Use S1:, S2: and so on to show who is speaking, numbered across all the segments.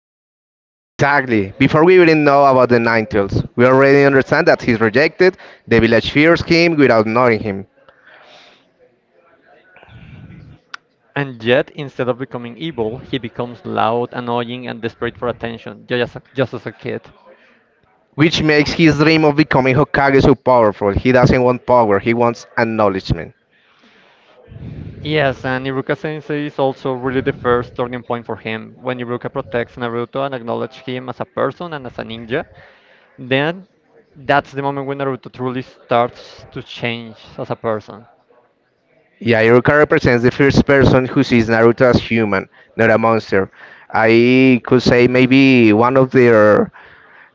S1: childhood.
S2: Exactly. Before we even know about the Nine Tails, we already understand that he's rejected, the village fears him without knowing him,
S1: And yet, instead of becoming evil, he becomes loud, annoying, and desperate for attention, just as a kid.
S2: which makes his dream of becoming Hokage so powerful. He doesn't want power, he wants acknowledgement.
S1: Yes, and Iruka Sensei is also really the first turning point for him, when Iruka protects Naruto and acknowledges him as a person and as a ninja, then that's the moment when Naruto truly starts to change as a person.
S2: Yeah, Iruka represents the first person who sees Naruto as human, not a monster. I could say maybe one of their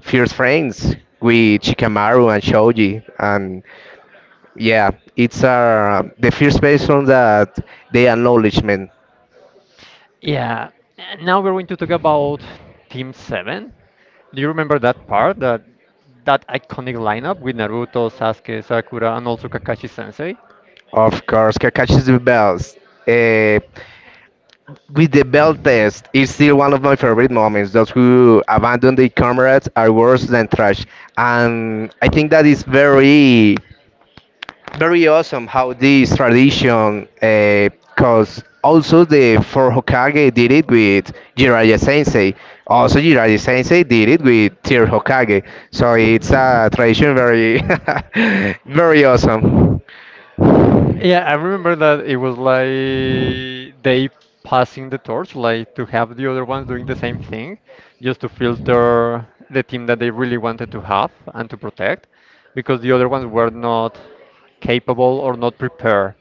S2: fierce friends with Chikamaru and Shoji, and yeah, it's the first person that the acknowledgement.
S1: Yeah, and now we're going to talk about Team 7. Do you remember that part, that iconic lineup with Naruto, Sasuke, Sakura, and also Kakashi Sensei?
S2: Of course, Kakashi is the best. Uh, with the bell test, it's still one of my favorite moments. Those who abandon their comrades are worse than trash, and I think that is very very awesome how this tradition, because also the four Hokage did it with Jiraiya Sensei. Also, Jiraiya Sensei did it with Third Hokage. So it's a tradition very, very awesome.
S1: Yeah, I remember that it was like they passing the torch, like to have the other ones doing the same thing, just to filter the team that they really wanted to have and to protect, because the other ones were not capable or not prepared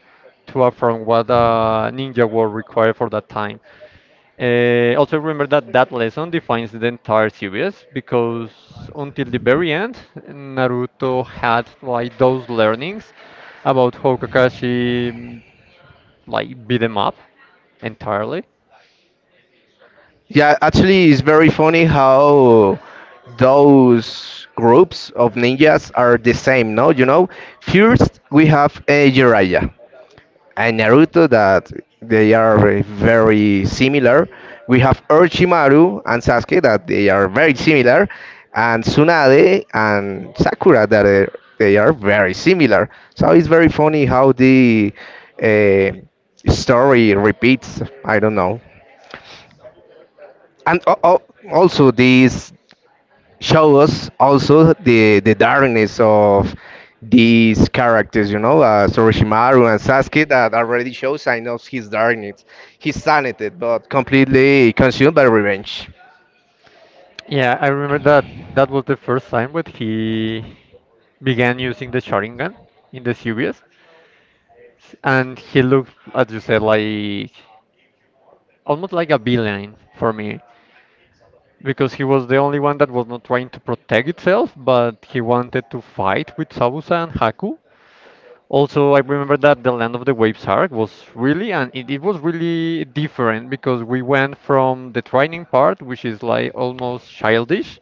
S1: to affront what the ninja war required for that time. Also remember that that lesson defines the entire series because until the very end, Naruto had like those learnings about how Kakashi like beat him up entirely.
S2: Yeah, actually, it's very funny how those groups of ninjas are the same. No, first we have Jiraiya. And Naruto that they are very very similar. We have Orochimaru and Sasuke that they are very similar, and Tsunade and Sakura that are, they are very similar. So it's very funny how the uh, story repeats. I don't know, and also this show us also the darkness of these characters, Soroshimaru and Sasuke that already show signs of his darkness, his sanity, but completely consumed by revenge.
S1: Yeah, I remember that that was the first time when he began using the Sharingan in the series, and he looked, as you said, like almost like a villain for me, because he was the only one that was not trying to protect itself, but he wanted to fight with Sabusa and Haku. Also, I remember that the Land of the Waves arc was really, and it was really different because we went from the training part, which is like almost childish,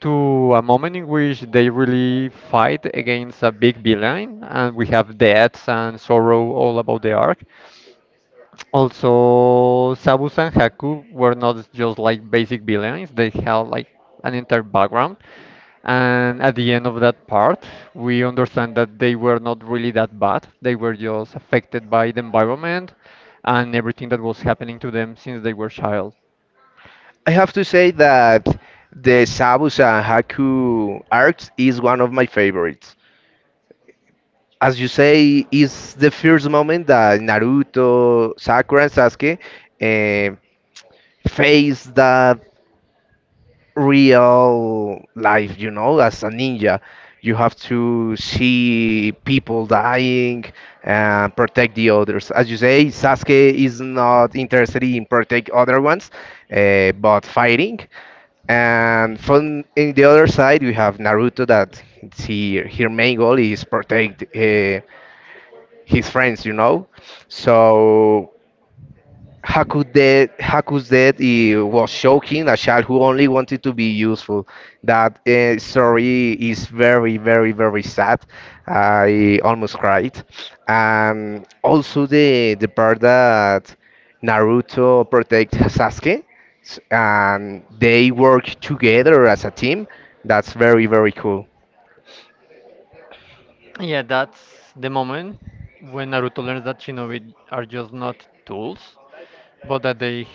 S1: to a moment in which they really fight against a big villain, and we have deaths and sorrow all about the arc. Also, Sabus and Haku were not just like basic villains, they had like an entire background. And at the end of that part, we understand that they were not really that bad. They were just affected by the environment and everything that was happening to them since they were child.
S2: I have to say that the Sabusa and Haku arcs is one of my favorites. As you say, is the first moment that Naruto, Sakura, and Sasuke eh, face that real life, as a ninja. You have to see people dying and protect the others. As you say, Sasuke is not interested in protect other ones, but fighting. And from in the other side, we have Naruto that he, her main goal is protect his friends. So Haku's death it was shocking. A child who only wanted to be useful. That story is very, very, very sad. I almost cried. Also, the part that Naruto protect Sasuke, and they work together as a team. That's very, very cool.
S1: Yeah, that's the moment when Naruto learns that shinobi are just not tools, but that they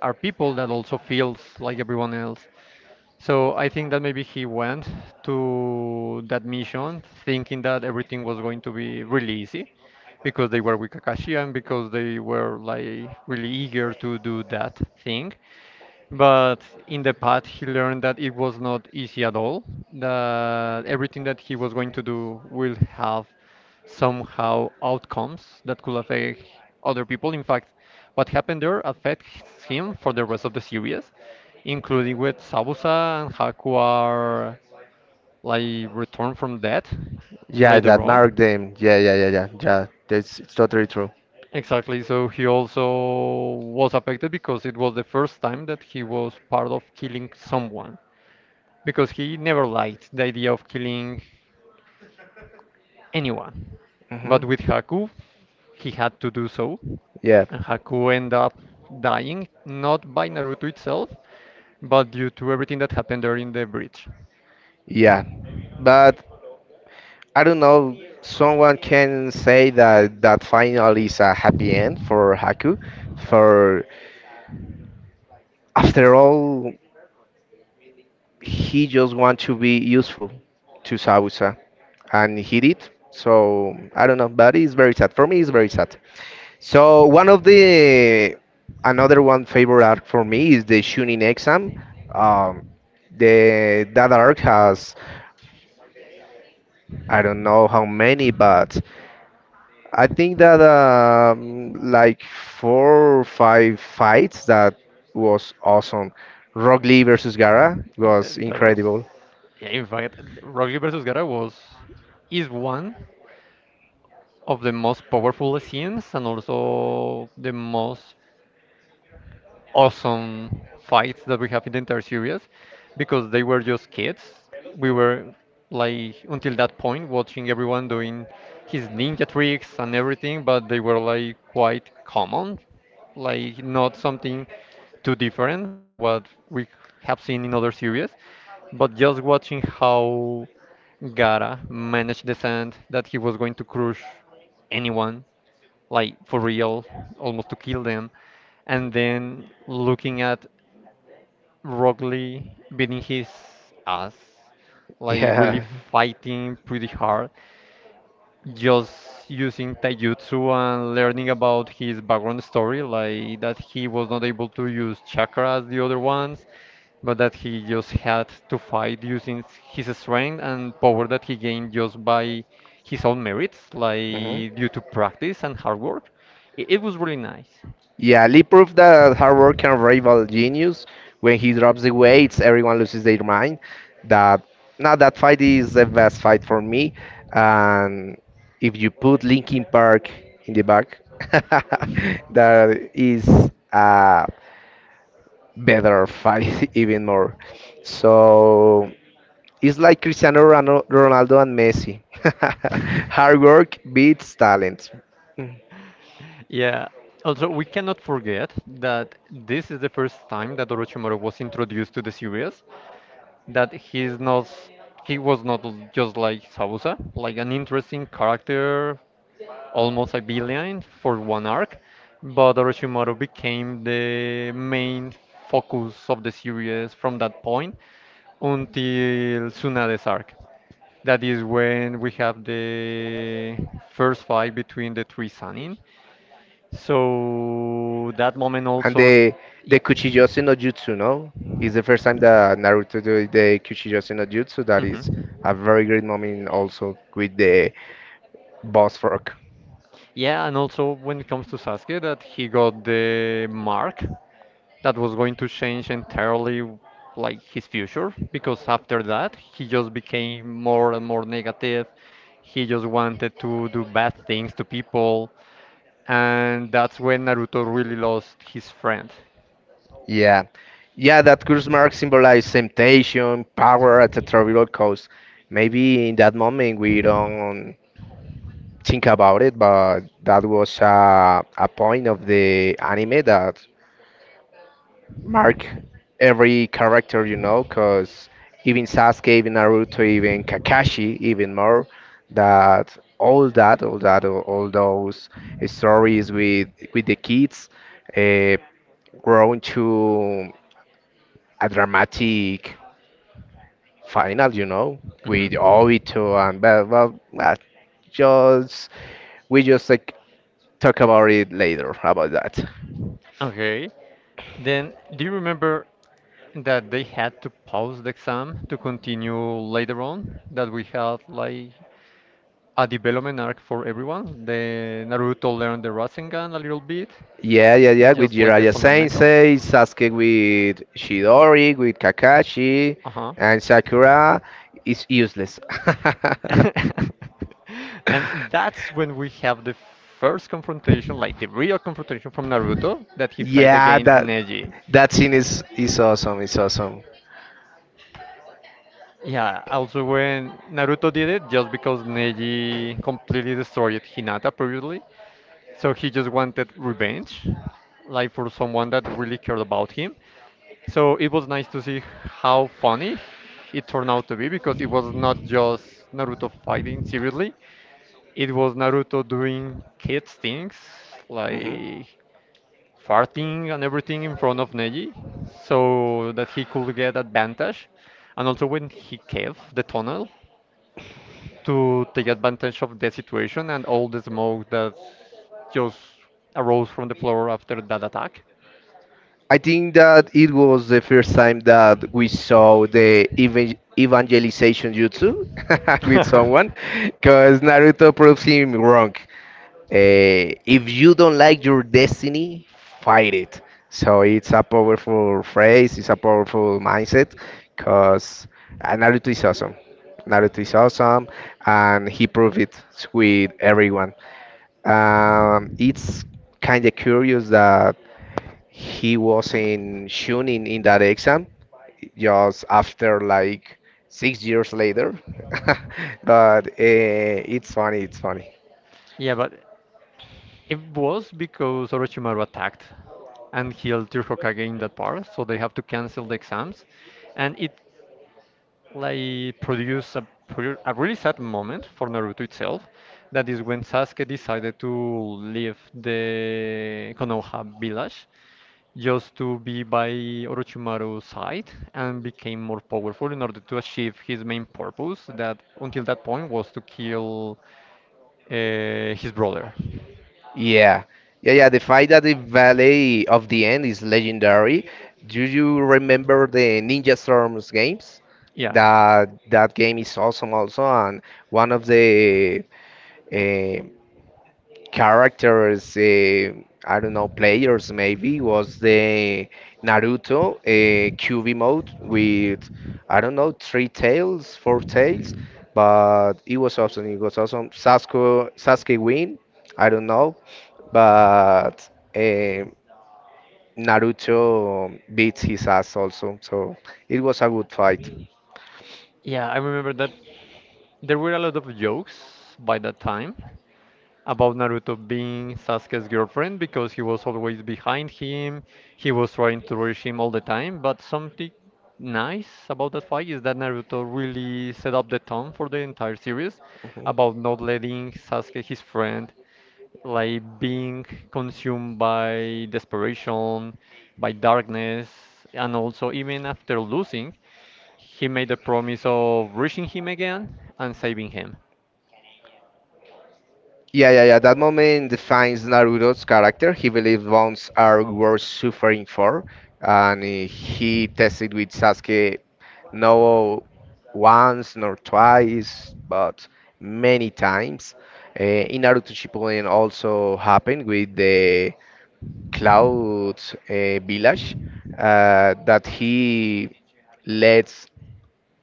S1: are people that also feels like everyone else. So I think that maybe he went to that mission thinking that everything was going to be really easy because they were with Kakashi and because they were like really eager to do that thing. But in the path, he learned that it was not easy at all, that everything that he was going to do will have somehow outcomes that could affect other people. In fact, what happened there affects him for the rest of the series, including with Sabusa and Haku are like returned from death
S2: Yeah,
S1: later
S2: that marked
S1: on.
S2: them. Yeah, yeah, yeah, yeah, yeah. That's it's totally true.
S1: Exactly. So he also was affected because it was the first time that he was part of killing someone, because he never liked the idea of killing anyone. But
S2: Mhm.
S1: with Haku, he had to do so,
S2: Yeah.
S1: and Haku ended up dying, not by Naruto itself, but due to everything that happened there in the bridge.
S2: Yeah, but I don't know. Someone can say that that final is a happy end for Haku. For after all, he just want to be useful to Sausa, and he did. So I don't know, but it's very sad. For me, it's very sad. So one of the another one favorite arc for me is the Chunin exam. Um, the that arc has I don't know how many, but I think that like four or five fights that was awesome. Rock Lee versus Gara
S1: Yeah,
S2: was
S1: That, that was,
S2: incredible.
S1: yeah, in fact, Rocky versus Gara was is one of the most powerful scenes and also the most awesome fights that we have in the entire series because they were just kids. We were like until that point watching everyone doing his ninja tricks and everything, but they were like quite common, like not something too different from what we have seen in other series. But just watching how Gara managed the sand that he was going to crush anyone like for real almost to kill them and then looking at Rock Lee beating his ass, like really
S2: Yeah.
S1: fighting pretty hard, just using taijutsu and learning about his background story, like that he was not able to use chakra as the other ones, but that he just had to fight using his strength and power that he gained just by his own merits, like
S2: Mhm.
S1: due to practice and hard work. It was really nice.
S2: Yeah, Lee proved that hard work can rival genius. When he drops the weights, everyone loses their mind. That now that fight is the best fight for me. And if you put Linkin Park in the back, that is a better fight even more. So it's like Cristiano Ronaldo and Messi. Hard work beats talent.
S1: Yeah. Also, we cannot forget that this is the first time that Orochimaru was introduced to the series, that he was not, just like Sabusa, like an interesting character, almost a villain for one arc, but Orochimaru became the main focus of the series from that point until Tsunade's arc. That is when we have the first fight between the three Sanin, so that moment
S2: And
S1: also,
S2: the
S1: yeah.
S2: Kuchijose no Jutsu, no? It's the first time that Naruto do the Kuchijose no Jutsu. That is
S1: Mhm.
S2: a very great moment also with the boss fork.
S1: Yeah, and also when it comes to Sasuke, that he got the mark that was going to change entirely like his future because after that he just became more and more negative. He just wanted to do bad things to people, and that's when Naruto really lost his friend.
S2: Yeah. Yeah, that curse mark symbolizes temptation, power at a terrible cost. Maybe in that moment we don't think about it, but that was a point of the anime that mark every character, because even Sasuke, even Naruto, even Kakashi, even more, that all those stories with the kids, uh, grown to a dramatic final, with
S1: Mhm.
S2: Obito and well, just we just like talk about it later about that.
S1: Okay. Then, do you remember that they had to pause the exam to continue later on? That we had like a development arc for everyone. The Naruto learned the Rasengan a little bit,
S2: Yeah, yeah, yeah, with
S1: just like the
S2: Jiraiya
S1: fundamentals.
S2: Sensei, Sasuke with Shidori, with Kakashi,
S1: Uh-huh.
S2: and Sakura is useless.
S1: And that's when we have the first confrontation, like the real confrontation from Naruto, that he fight
S2: Yeah,
S1: against
S2: that
S1: Neji.
S2: that scene is awesome. It's awesome.
S1: Yeah, also when Naruto did it, just because Neji completely destroyed Hinata previously, so he just wanted revenge, like for someone that really cared about him. So it was nice to see how funny it turned out to be because it was not just Naruto fighting seriously, it was Naruto doing kids things like farting and everything in front of Neji so that he could get advantage. And also when he caved the tunnel, to take advantage of the situation and all the smoke that just arose from the floor after that attack.
S2: I think that it was the first time that we saw the evangelization jutsu with yeah, someone, because Naruto proves him wrong. If you don't like your destiny, fight it. So it's a powerful phrase, it's a powerful mindset, because Naruto is awesome. Naruto is awesome, and he proved it with everyone. It's kind of curious that he was in Shunin in that exam, just after like 6 years later. But it's funny, it's funny.
S1: Yeah, but it was because Orochimaru attacked and healed their Hokage in that part, so they have to cancel the exams. And it like produce a really sad moment for Naruto itself. That is when Sasuke decided to leave the Konoha village just to be by Orochimaru's side and became more powerful in order to achieve his main purpose that until that point was to kill uh, his brother.
S2: Yeah, yeah, yeah. The fight at the Valley of the End is legendary. Do you remember the Ninja Storms games?
S1: Yeah.
S2: That game is awesome also, and one of the uh, characters, I don't know, players maybe, was the Naruto QV mode with, I don't know, three tails, four tails, but it was awesome. It was awesome. Sasuke win, I don't know, but uh, Naruto beats his ass also, so it was a good fight.
S1: Yeah, I remember that there were a lot of jokes by that time about Naruto being Sasuke's girlfriend because he was always behind him. He was trying to reach him all the time. But something nice about that fight is that Naruto really set up the tone for the entire series about not letting Sasuke, his
S2: Mhm.
S1: friend, like being consumed by desperation, by darkness, and also even after losing, he made the promise of reaching him again and saving him.
S2: Yeah, yeah, yeah. That moment defines Naruto's character. He believes bonds are worth suffering for, and he tested with Sasuke no once nor twice, but many times. In Naruto Shippuden also happened with the Cloud Village that he lets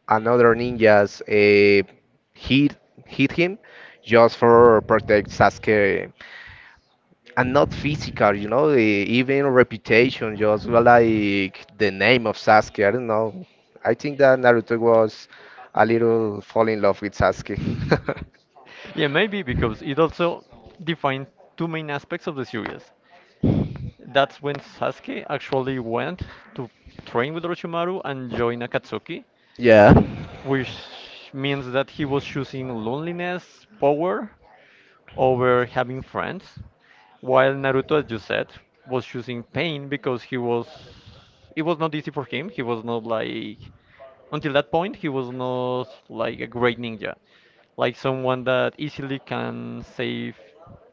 S2: another ninjas hit hit him just for protect Sasuke and not physical, even reputation, just like the name of Sasuke. I don't know. I think that Naruto was a little fall in love with Sasuke.
S1: Yeah, maybe because it also defined two main aspects of the series. That's when Sasuke actually went to train with Orochimaru and join Akatsuki,
S2: Yeah.
S1: which means that he was choosing loneliness, power, over having friends, while Naruto, as you said, was choosing pain because he was it was not easy for him. He was not like until that point he was not like a great ninja, like someone that easily can save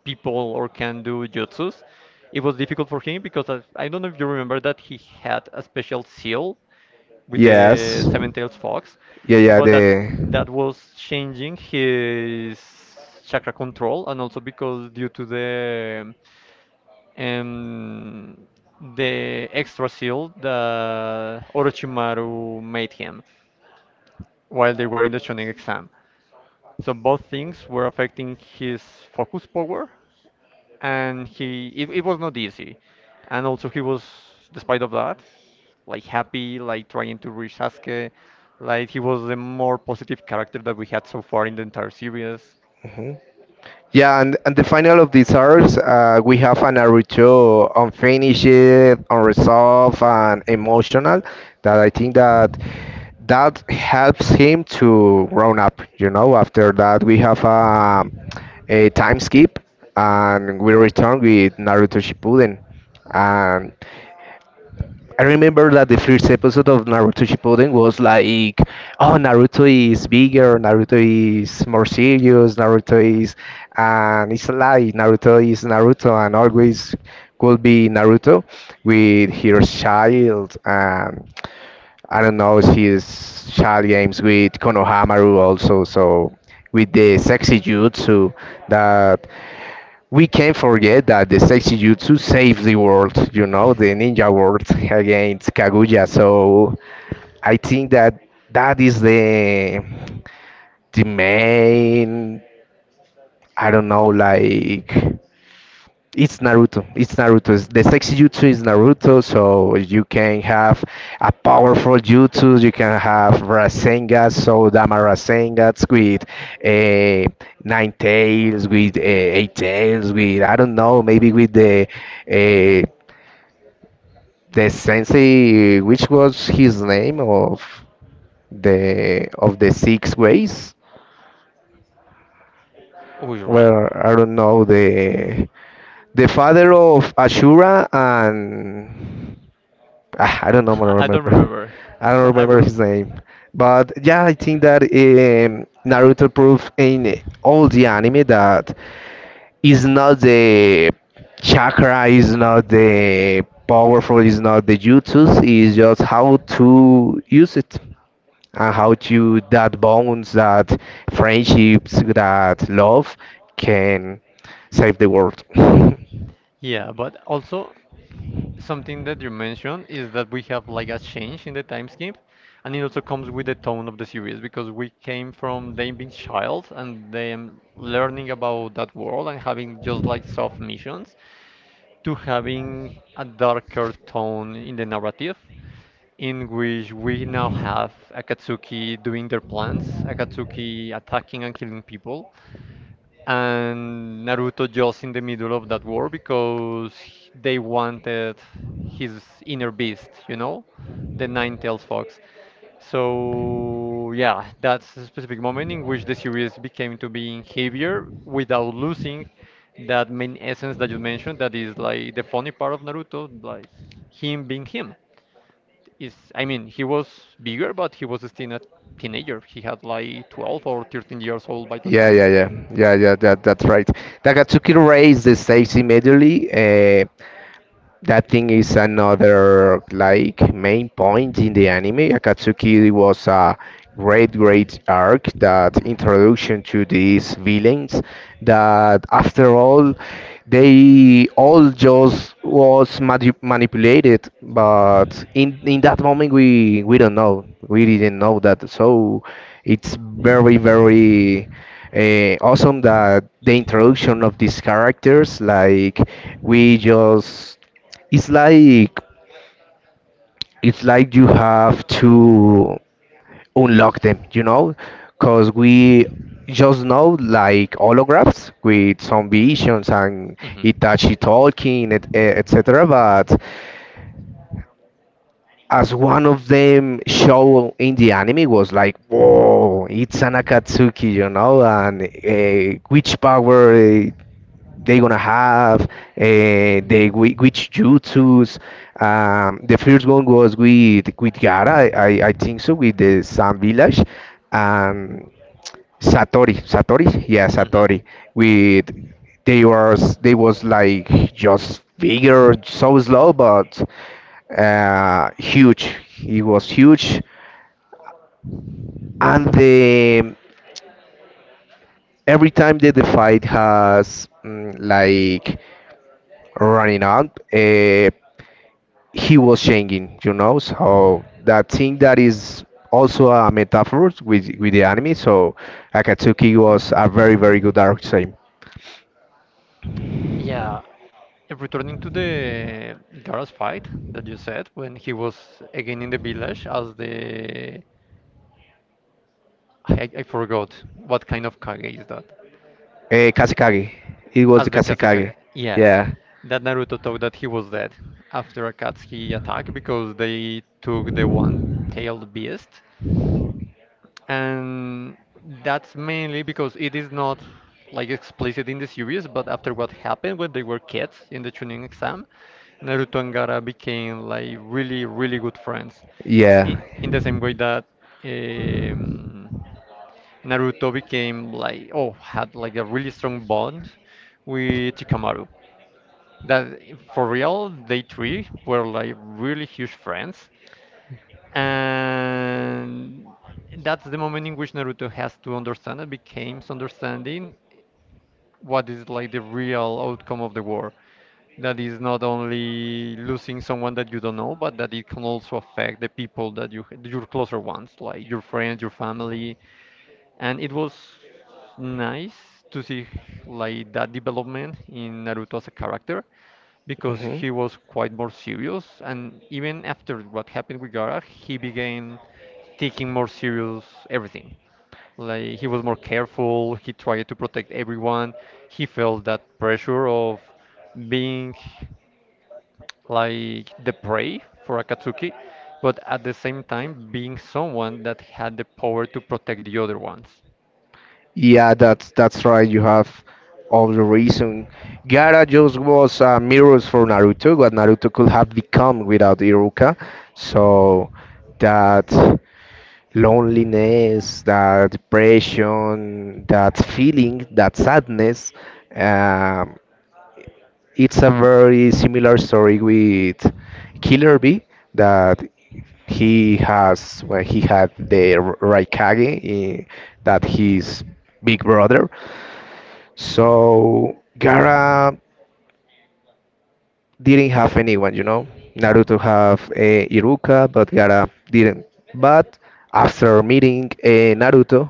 S1: people or can do jutsus. It was difficult for him because I don't know if you remember that he had a special seal with the
S2: Yes.
S1: seven tails fox,
S2: Yeah, yeah,
S1: but that
S2: the.
S1: that was changing his chakra control and also because due to um, the extra seal that Orochimaru made him while they were in the Shonen exam. So both things were affecting his focus power, and he it was not easy. And also he was, despite of that, like happy, like trying to reach Sasuke, like he was the more positive character that we had so far in the entire series.
S2: Mhm. Yeah, and the final of these hours, we have an Naruto unfinished, unresolved, and emotional that I think that that helps him to grown up. You know, after that we have a time skip, and we return with Naruto Shippuden, and I remember that the first episode of Naruto Shippuden was like, oh, Naruto is bigger, Naruto is more serious, Naruto is, and it's like Naruto is Naruto and always will be Naruto with his child and I don't know his child games with Konohamaru also. So with the sexy jutsu that we can't forget that the sexy jutsu saved the world, the ninja world against Kaguya. So I think that that is the main, I don't know, like it's Naruto. It's Naruto. The sexy jutsu is Naruto, so you can have a powerful jutsu. You can have Rasengan, so Dama Rasengans with uh, nine tails, with eight tails, with I don't know, maybe with the uh, the sensei, which was his name of the six ways.
S1: Which one?
S2: Well, I don't know the father of Ashura and. Ah, I don't know, I
S1: I,
S2: don't
S1: I don't
S2: remember.
S1: remember,
S2: I don't
S1: but I
S2: remember his
S1: remember.
S2: name. But yeah, I think that Naruto proved in all the anime that is not the chakra, is not the powerful, is not the jutsus, is just how to use it and how to that bonds, that friendships, that love can save the world.
S1: Yeah, but also something that you mentioned is that we have like a change in the time scheme, and it also comes with the tone of the series because we came from them being child and them learning about that world and having just like soft missions to having a darker tone in the narrative, in which we now have Akatsuki doing their plans, Akatsuki attacking and killing people, and Naruto just in the middle of that war because they wanted his inner beast, you know, the nine-tailed fox. So yeah, that's a specific moment in which the series became to being heavier without losing that main essence that you mentioned. That is like the funny part of Naruto, like him being him. Is I mean, he was bigger, but he was still a teenager. He had like 12 or 13 years old by the
S2: Yeah,
S1: time.
S2: yeah, yeah, yeah, yeah. That's right. Takatsuki raised the stakes immediately. That thing is another like main point in the anime. Akatsuki was a great, great arc, that introduction to these villains that after all they all just was manipulated, but in that moment we don't know, we didn't know that, so it's very very awesome that the introduction of these characters, like, we just, it's like it's like you have to unlock them, because we just know like holographs with some visions and
S1: hmm
S2: Itachi talking etc, but as one of them show in the anime was like, whoa, it's an Akatsuki, and which power they gonna have, the which jutsus. The first one was with Gara, I think so, with the Sun Village, and Satori, yeah,
S1: Satori.
S2: Satori. With they was like just bigger, so slow, but huge. He was huge, and the every time that the fight has like running out. He was changing. So that thing that is also a metaphor with the anime. So Akatsuki was a very very good archetype.
S1: Yeah, and returning to the Garas fight that you said when he was again in the village as the I forgot what kind of Kage is that?
S2: Kasekage, it was the
S1: As the Kazekage.
S2: Kasekage.
S1: Yeah,
S2: Yeah.
S1: that Naruto thought that he was dead after Akatsuki attack because they took the one-tailed beast. And that's mainly because it is not like explicit in the series, but after what happened when they were kids in the Chunin exam, Naruto and Gaara became like really, really good friends.
S2: Yeah.
S1: In the same way that um, Naruto became like, oh, had like a really strong bond with Chikamaru. That for real, they three were like really huge friends, and that's the moment in which Naruto has to understand and becomes understanding what is like the real outcome of the war. That is not only losing someone that you don't know, but that it can also affect the people that you your closer ones, like your friends, your family, and it was nice to see like that development in Naruto as a character because
S2: Hmm.
S1: he was quite more serious. And even after what happened with Gara, he began taking more serious everything. Like he was more careful. He tried to protect everyone. He felt that pressure of being like the prey for Akatsuki, but at the same time being someone that had the power to protect the other ones.
S2: Yeah, that's right. You have all the reason. Gaara just was mirrors for Naruto, what Naruto could have become without Iruka. So that loneliness, that depression, that feeling, that sadness, um, it's a very similar story with Killer B that he has when he had the Raikage in, that his big brother. So Gara didn't have anyone. Naruto have Iruka, but Gara didn't. But after meeting Naruto,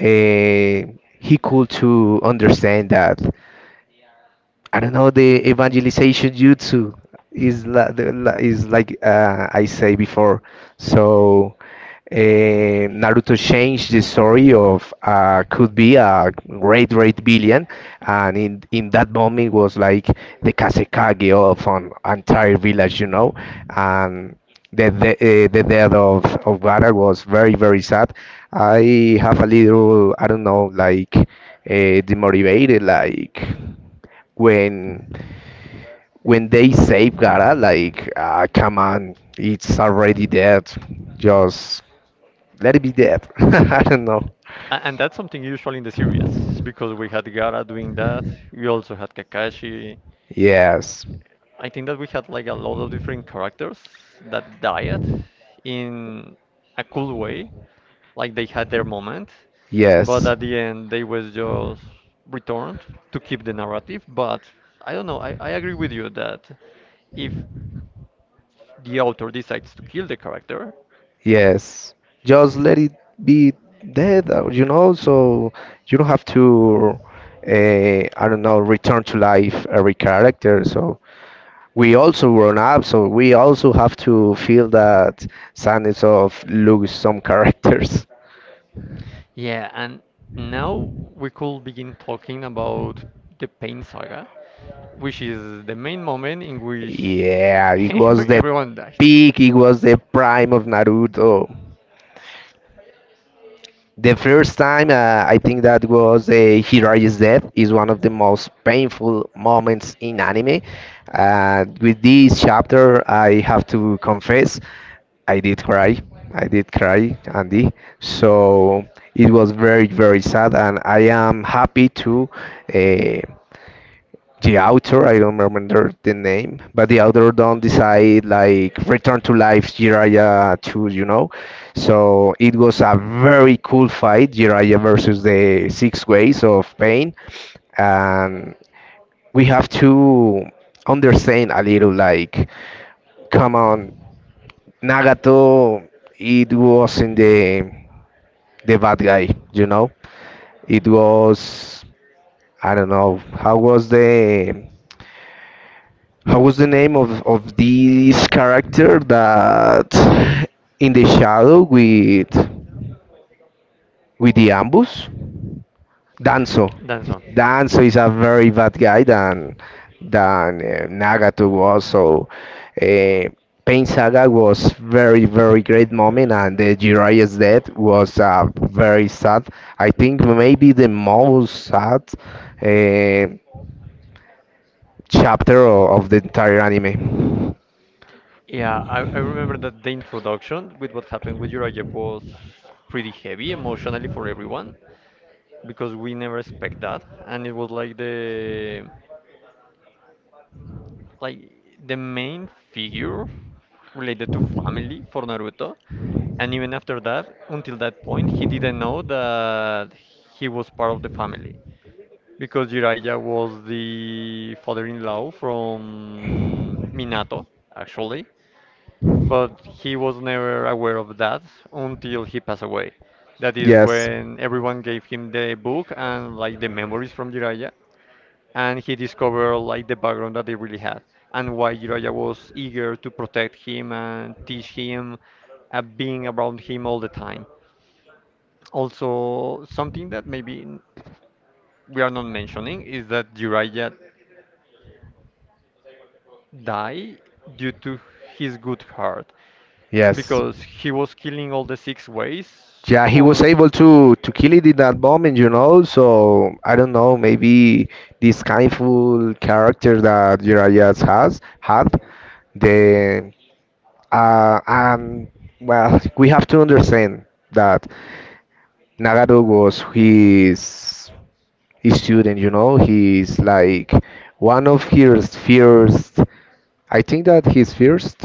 S2: uh, he could to understand that I don't know the evangelization jutsu is la, the, la, is like I say before. So Naruto changed the story of could be a great billion, and in that moment was like the Kasekage of an entire village, you know, and the death of Gara was very sad. I have a little I don't know like demotivated like when when they save Gara, like, ah, come on, it's already dead. Just let it be dead. I don't know.
S1: And that's something usual in the series because we had Gara doing that. We also had Kakashi.
S2: Yes,
S1: I think that we had like a lot of different characters that died in a cool way, like they had their moment, but
S2: yes,
S1: at the end they was just returned to keep the narrative. But I don't know, I agree with you that if the author decides to kill the character.
S2: yes. Just let it be dead, you know, so you don't have to, I don't know, return to life every character. So we also grown up, so we also have to feel that sadness of lose some characters.
S1: Yeah, and now we could begin talking about the Pain Saga, which is the main moment in which
S2: Yeah, it was the
S1: everyone died.
S2: peak, it was the prime of Naruto. The first time I think that was Hirai's death is one of the most painful moments in anime. With this chapter, I have to confess, I did cry. I did cry, Andy. So it was very, very sad, and I am happy to. Uh, the author I don't remember the name, but the author don't decide like return to life jiraiya too, you know. So it was a very cool fight, jiraiya versus the six ways of pain, and we have to understand a little like, come on, nagato, it wasn't the bad guy, you know. It was, I don't know, how was the how was the name of this character that in the shadow with the ambush? Danzo.
S1: That's all.
S2: Danzo is a very bad guy than Nagato was. Uh, Pain Saga was very great moment, and the Jiraiya's death was very sad. I think maybe the most sad uh, chapter of the entire anime.
S1: Yeah, I remember that the introduction with what happened with Uriah was pretty heavy emotionally for everyone because we never expect that, and it was like the main figure related to family for Naruto, and even after that, until that point, he didn't know that he was part of the family because Jiraiya was the father-in-law from Minato, actually, but he was never aware of that until he passed away. That is
S2: Yes.
S1: when everyone gave him the book and like the memories from Jiraiya, and he discovered like the background that they really had and why Jiraiya was eager to protect him and teach him, being around him all the time. Also, something that maybe we are not mentioning is that Jiraiya died due to his good heart,
S2: Yes.
S1: because he was killing all the six ways
S2: Yeah, he was
S1: on.
S2: able to kill it in that moment, you know. So I don't know, maybe this kindful character that Jiraiya has had, the and well, we have to understand that Nagato was his student, you know, he's like one of his first, I think that his first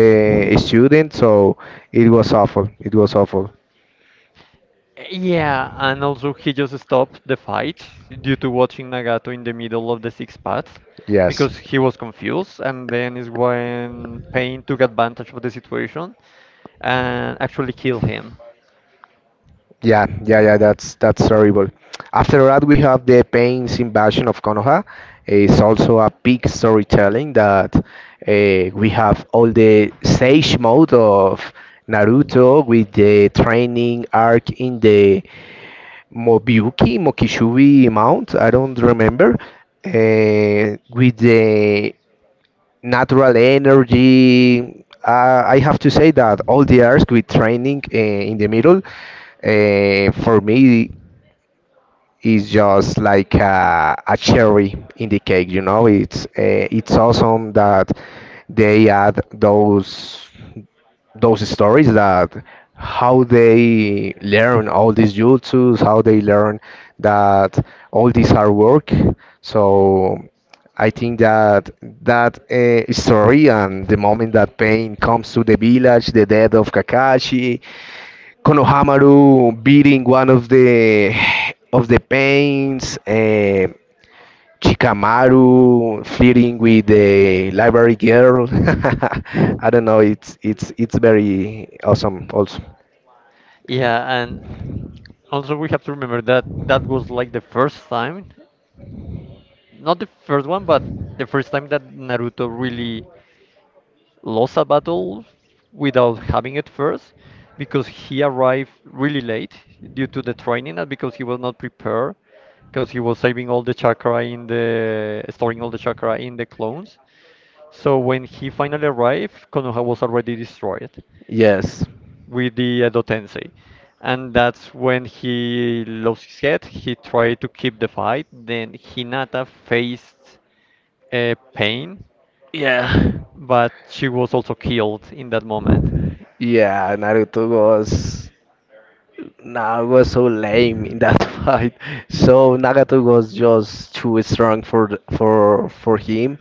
S2: student, so it was awful. It was awful.
S1: Yeah, and also he just stopped the fight due to watching Nagato in the middle of the six paths
S2: Yes.
S1: because he was confused, and then is when Pain took advantage of the situation and actually killed him.
S2: Yeah, yeah, yeah, that's terrible. After that, we have the Pain's Invasion of Konoha. It's also a big storytelling that we have all the sage mode of Naruto with the training arc in the Mobyuki, Mokishui Mount, I don't remember, with the natural energy. I have to say that all the arts with training in the middle, for me, is just like a cherry in the cake. You know, it's awesome that they add those stories that how they learn all these jutsus, how they learn that all this hard work. So I think that story and the moment that pain comes to the village, the death of Kakashi, Konohamaru beating one of the pains. Chikamaru flirting with the library girl. I don't know. It's very awesome. Also,
S1: Yeah, and also we have to remember that that was like the first time, not the first one, but the first time that Naruto really lost a battle without having it first because he arrived really late due to the training and because he was not prepared because he was saving all the chakra in the storing all the chakra in the clones. So when he finally arrived, Konoha was already destroyed
S2: yes,
S1: with the Edo Tensei. And that's when he lost his head. He tried to keep the fight. Then Hinata faced Pain, but she was also killed in that moment.
S2: yeah. Naruto was. Nah, it was so lame in that fight. So Nagato was just too strong for for him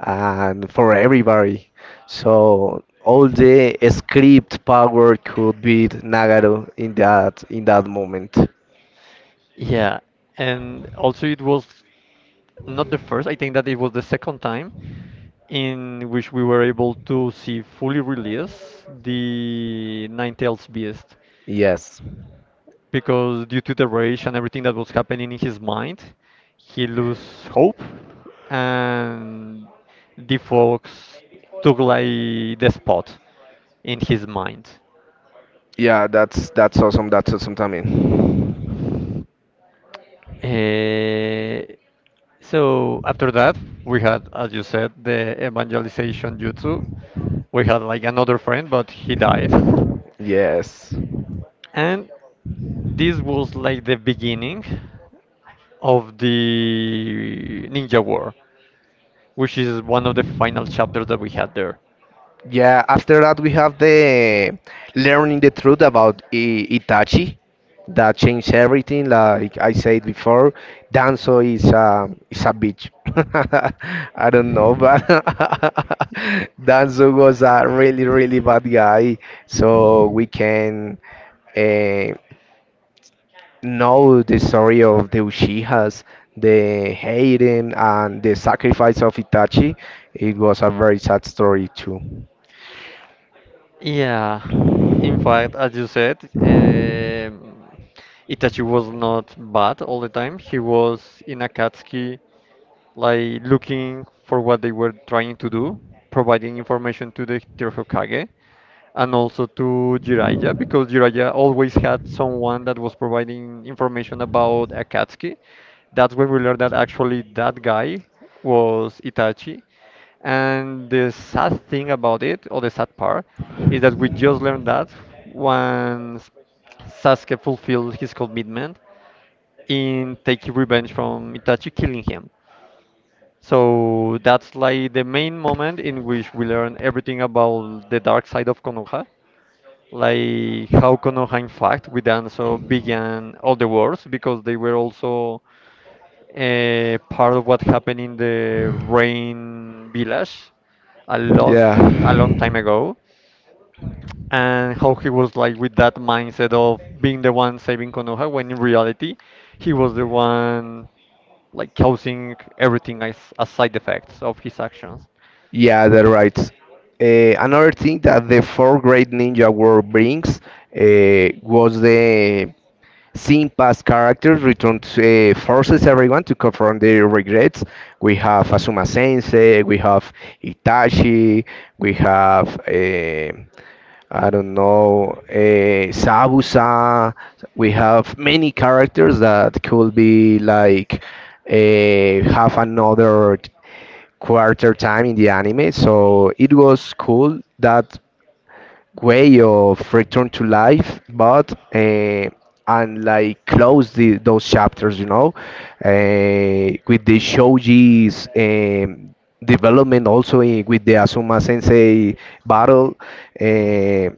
S2: and for everybody. So all the script power could beat Nagato in that moment.
S1: Yeah, and also it was not the first, I think that it was the second time in which we were able to see fully release the Ninetales Beast
S2: Yes.
S1: because due to the rage and everything that was happening in his mind, he lose hope and the fox took like the spot in his mind.
S2: Yeah, that's awesome. That's awesome, Tammy.
S1: Eh, so after that, we had, as you said, the evangelization jutsu, we had like another friend, but he died.
S2: Yes.
S1: And this was like the beginning of the Ninja War, which is one of the final chapters that we had there.
S2: Yeah, after that we have the learning the truth about I Itachi. That changed everything. Like I said before, Danzo is a bitch. I don't know, but Danzo was a really bad guy. So we can uh, know the story of the Uchihas, the hating and the sacrifice of Itachi. It was a very sad story too.
S1: Yeah, in fact, as you said, Itachi was not bad all the time. He was in Akatsuki, like looking for what they were trying to do, providing information to the third Hokage, and also to Jiraiya because Jiraiya always had someone that was providing information about Akatsuki. That's when we learned that actually that guy was Itachi. And the sad thing about it, or the sad part, is that we just learned that once Sasuke fulfilled his commitment in taking revenge from Itachi killing him. So that's like the main moment in which we learn everything about the dark side of Konoha, like how Konoha in fact with Danzo began all the wars because they were also part of what happened in the rain village a lot
S2: Yeah.
S1: a long time ago, and how he was like with that mindset of being the one saving Konoha when in reality he was the one like causing everything as side effects of his actions.
S2: Yeah, that's right. Another thing that the fourth grade ninja war brings was the seeing past characters return to, forces everyone to confront their regrets. We have Asuma Sensei, we have Itachi, we have I don't know Sabusa. We have many characters that could be like have another quarter time in the anime. So it was cool that way of return to life, but and like close the, those chapters, you know, with the Shoji's development, also with the Asuma Sensei battle. Uh,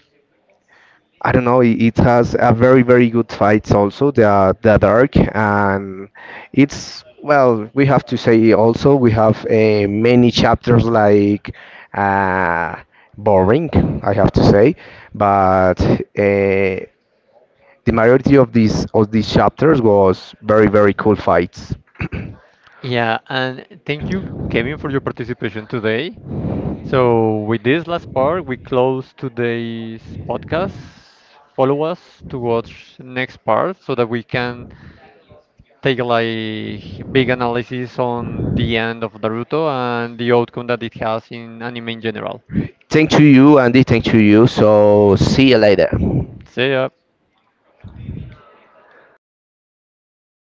S2: I don't know. It has a very good fights also. The dark and it's well. We have to say also we have many chapters like uh, boring. I have to say, but the majority of these chapters was very cool fights.
S1: Yeah, and thank you, Kevin, for your participation today. So with this last part, we close today's podcast. Follow us to watch next part so that we can take like big analysis on the end of Naruto and the outcome that it has in anime in general.
S2: Thank to you, Andy. Thank to you. So see you later.
S1: See ya.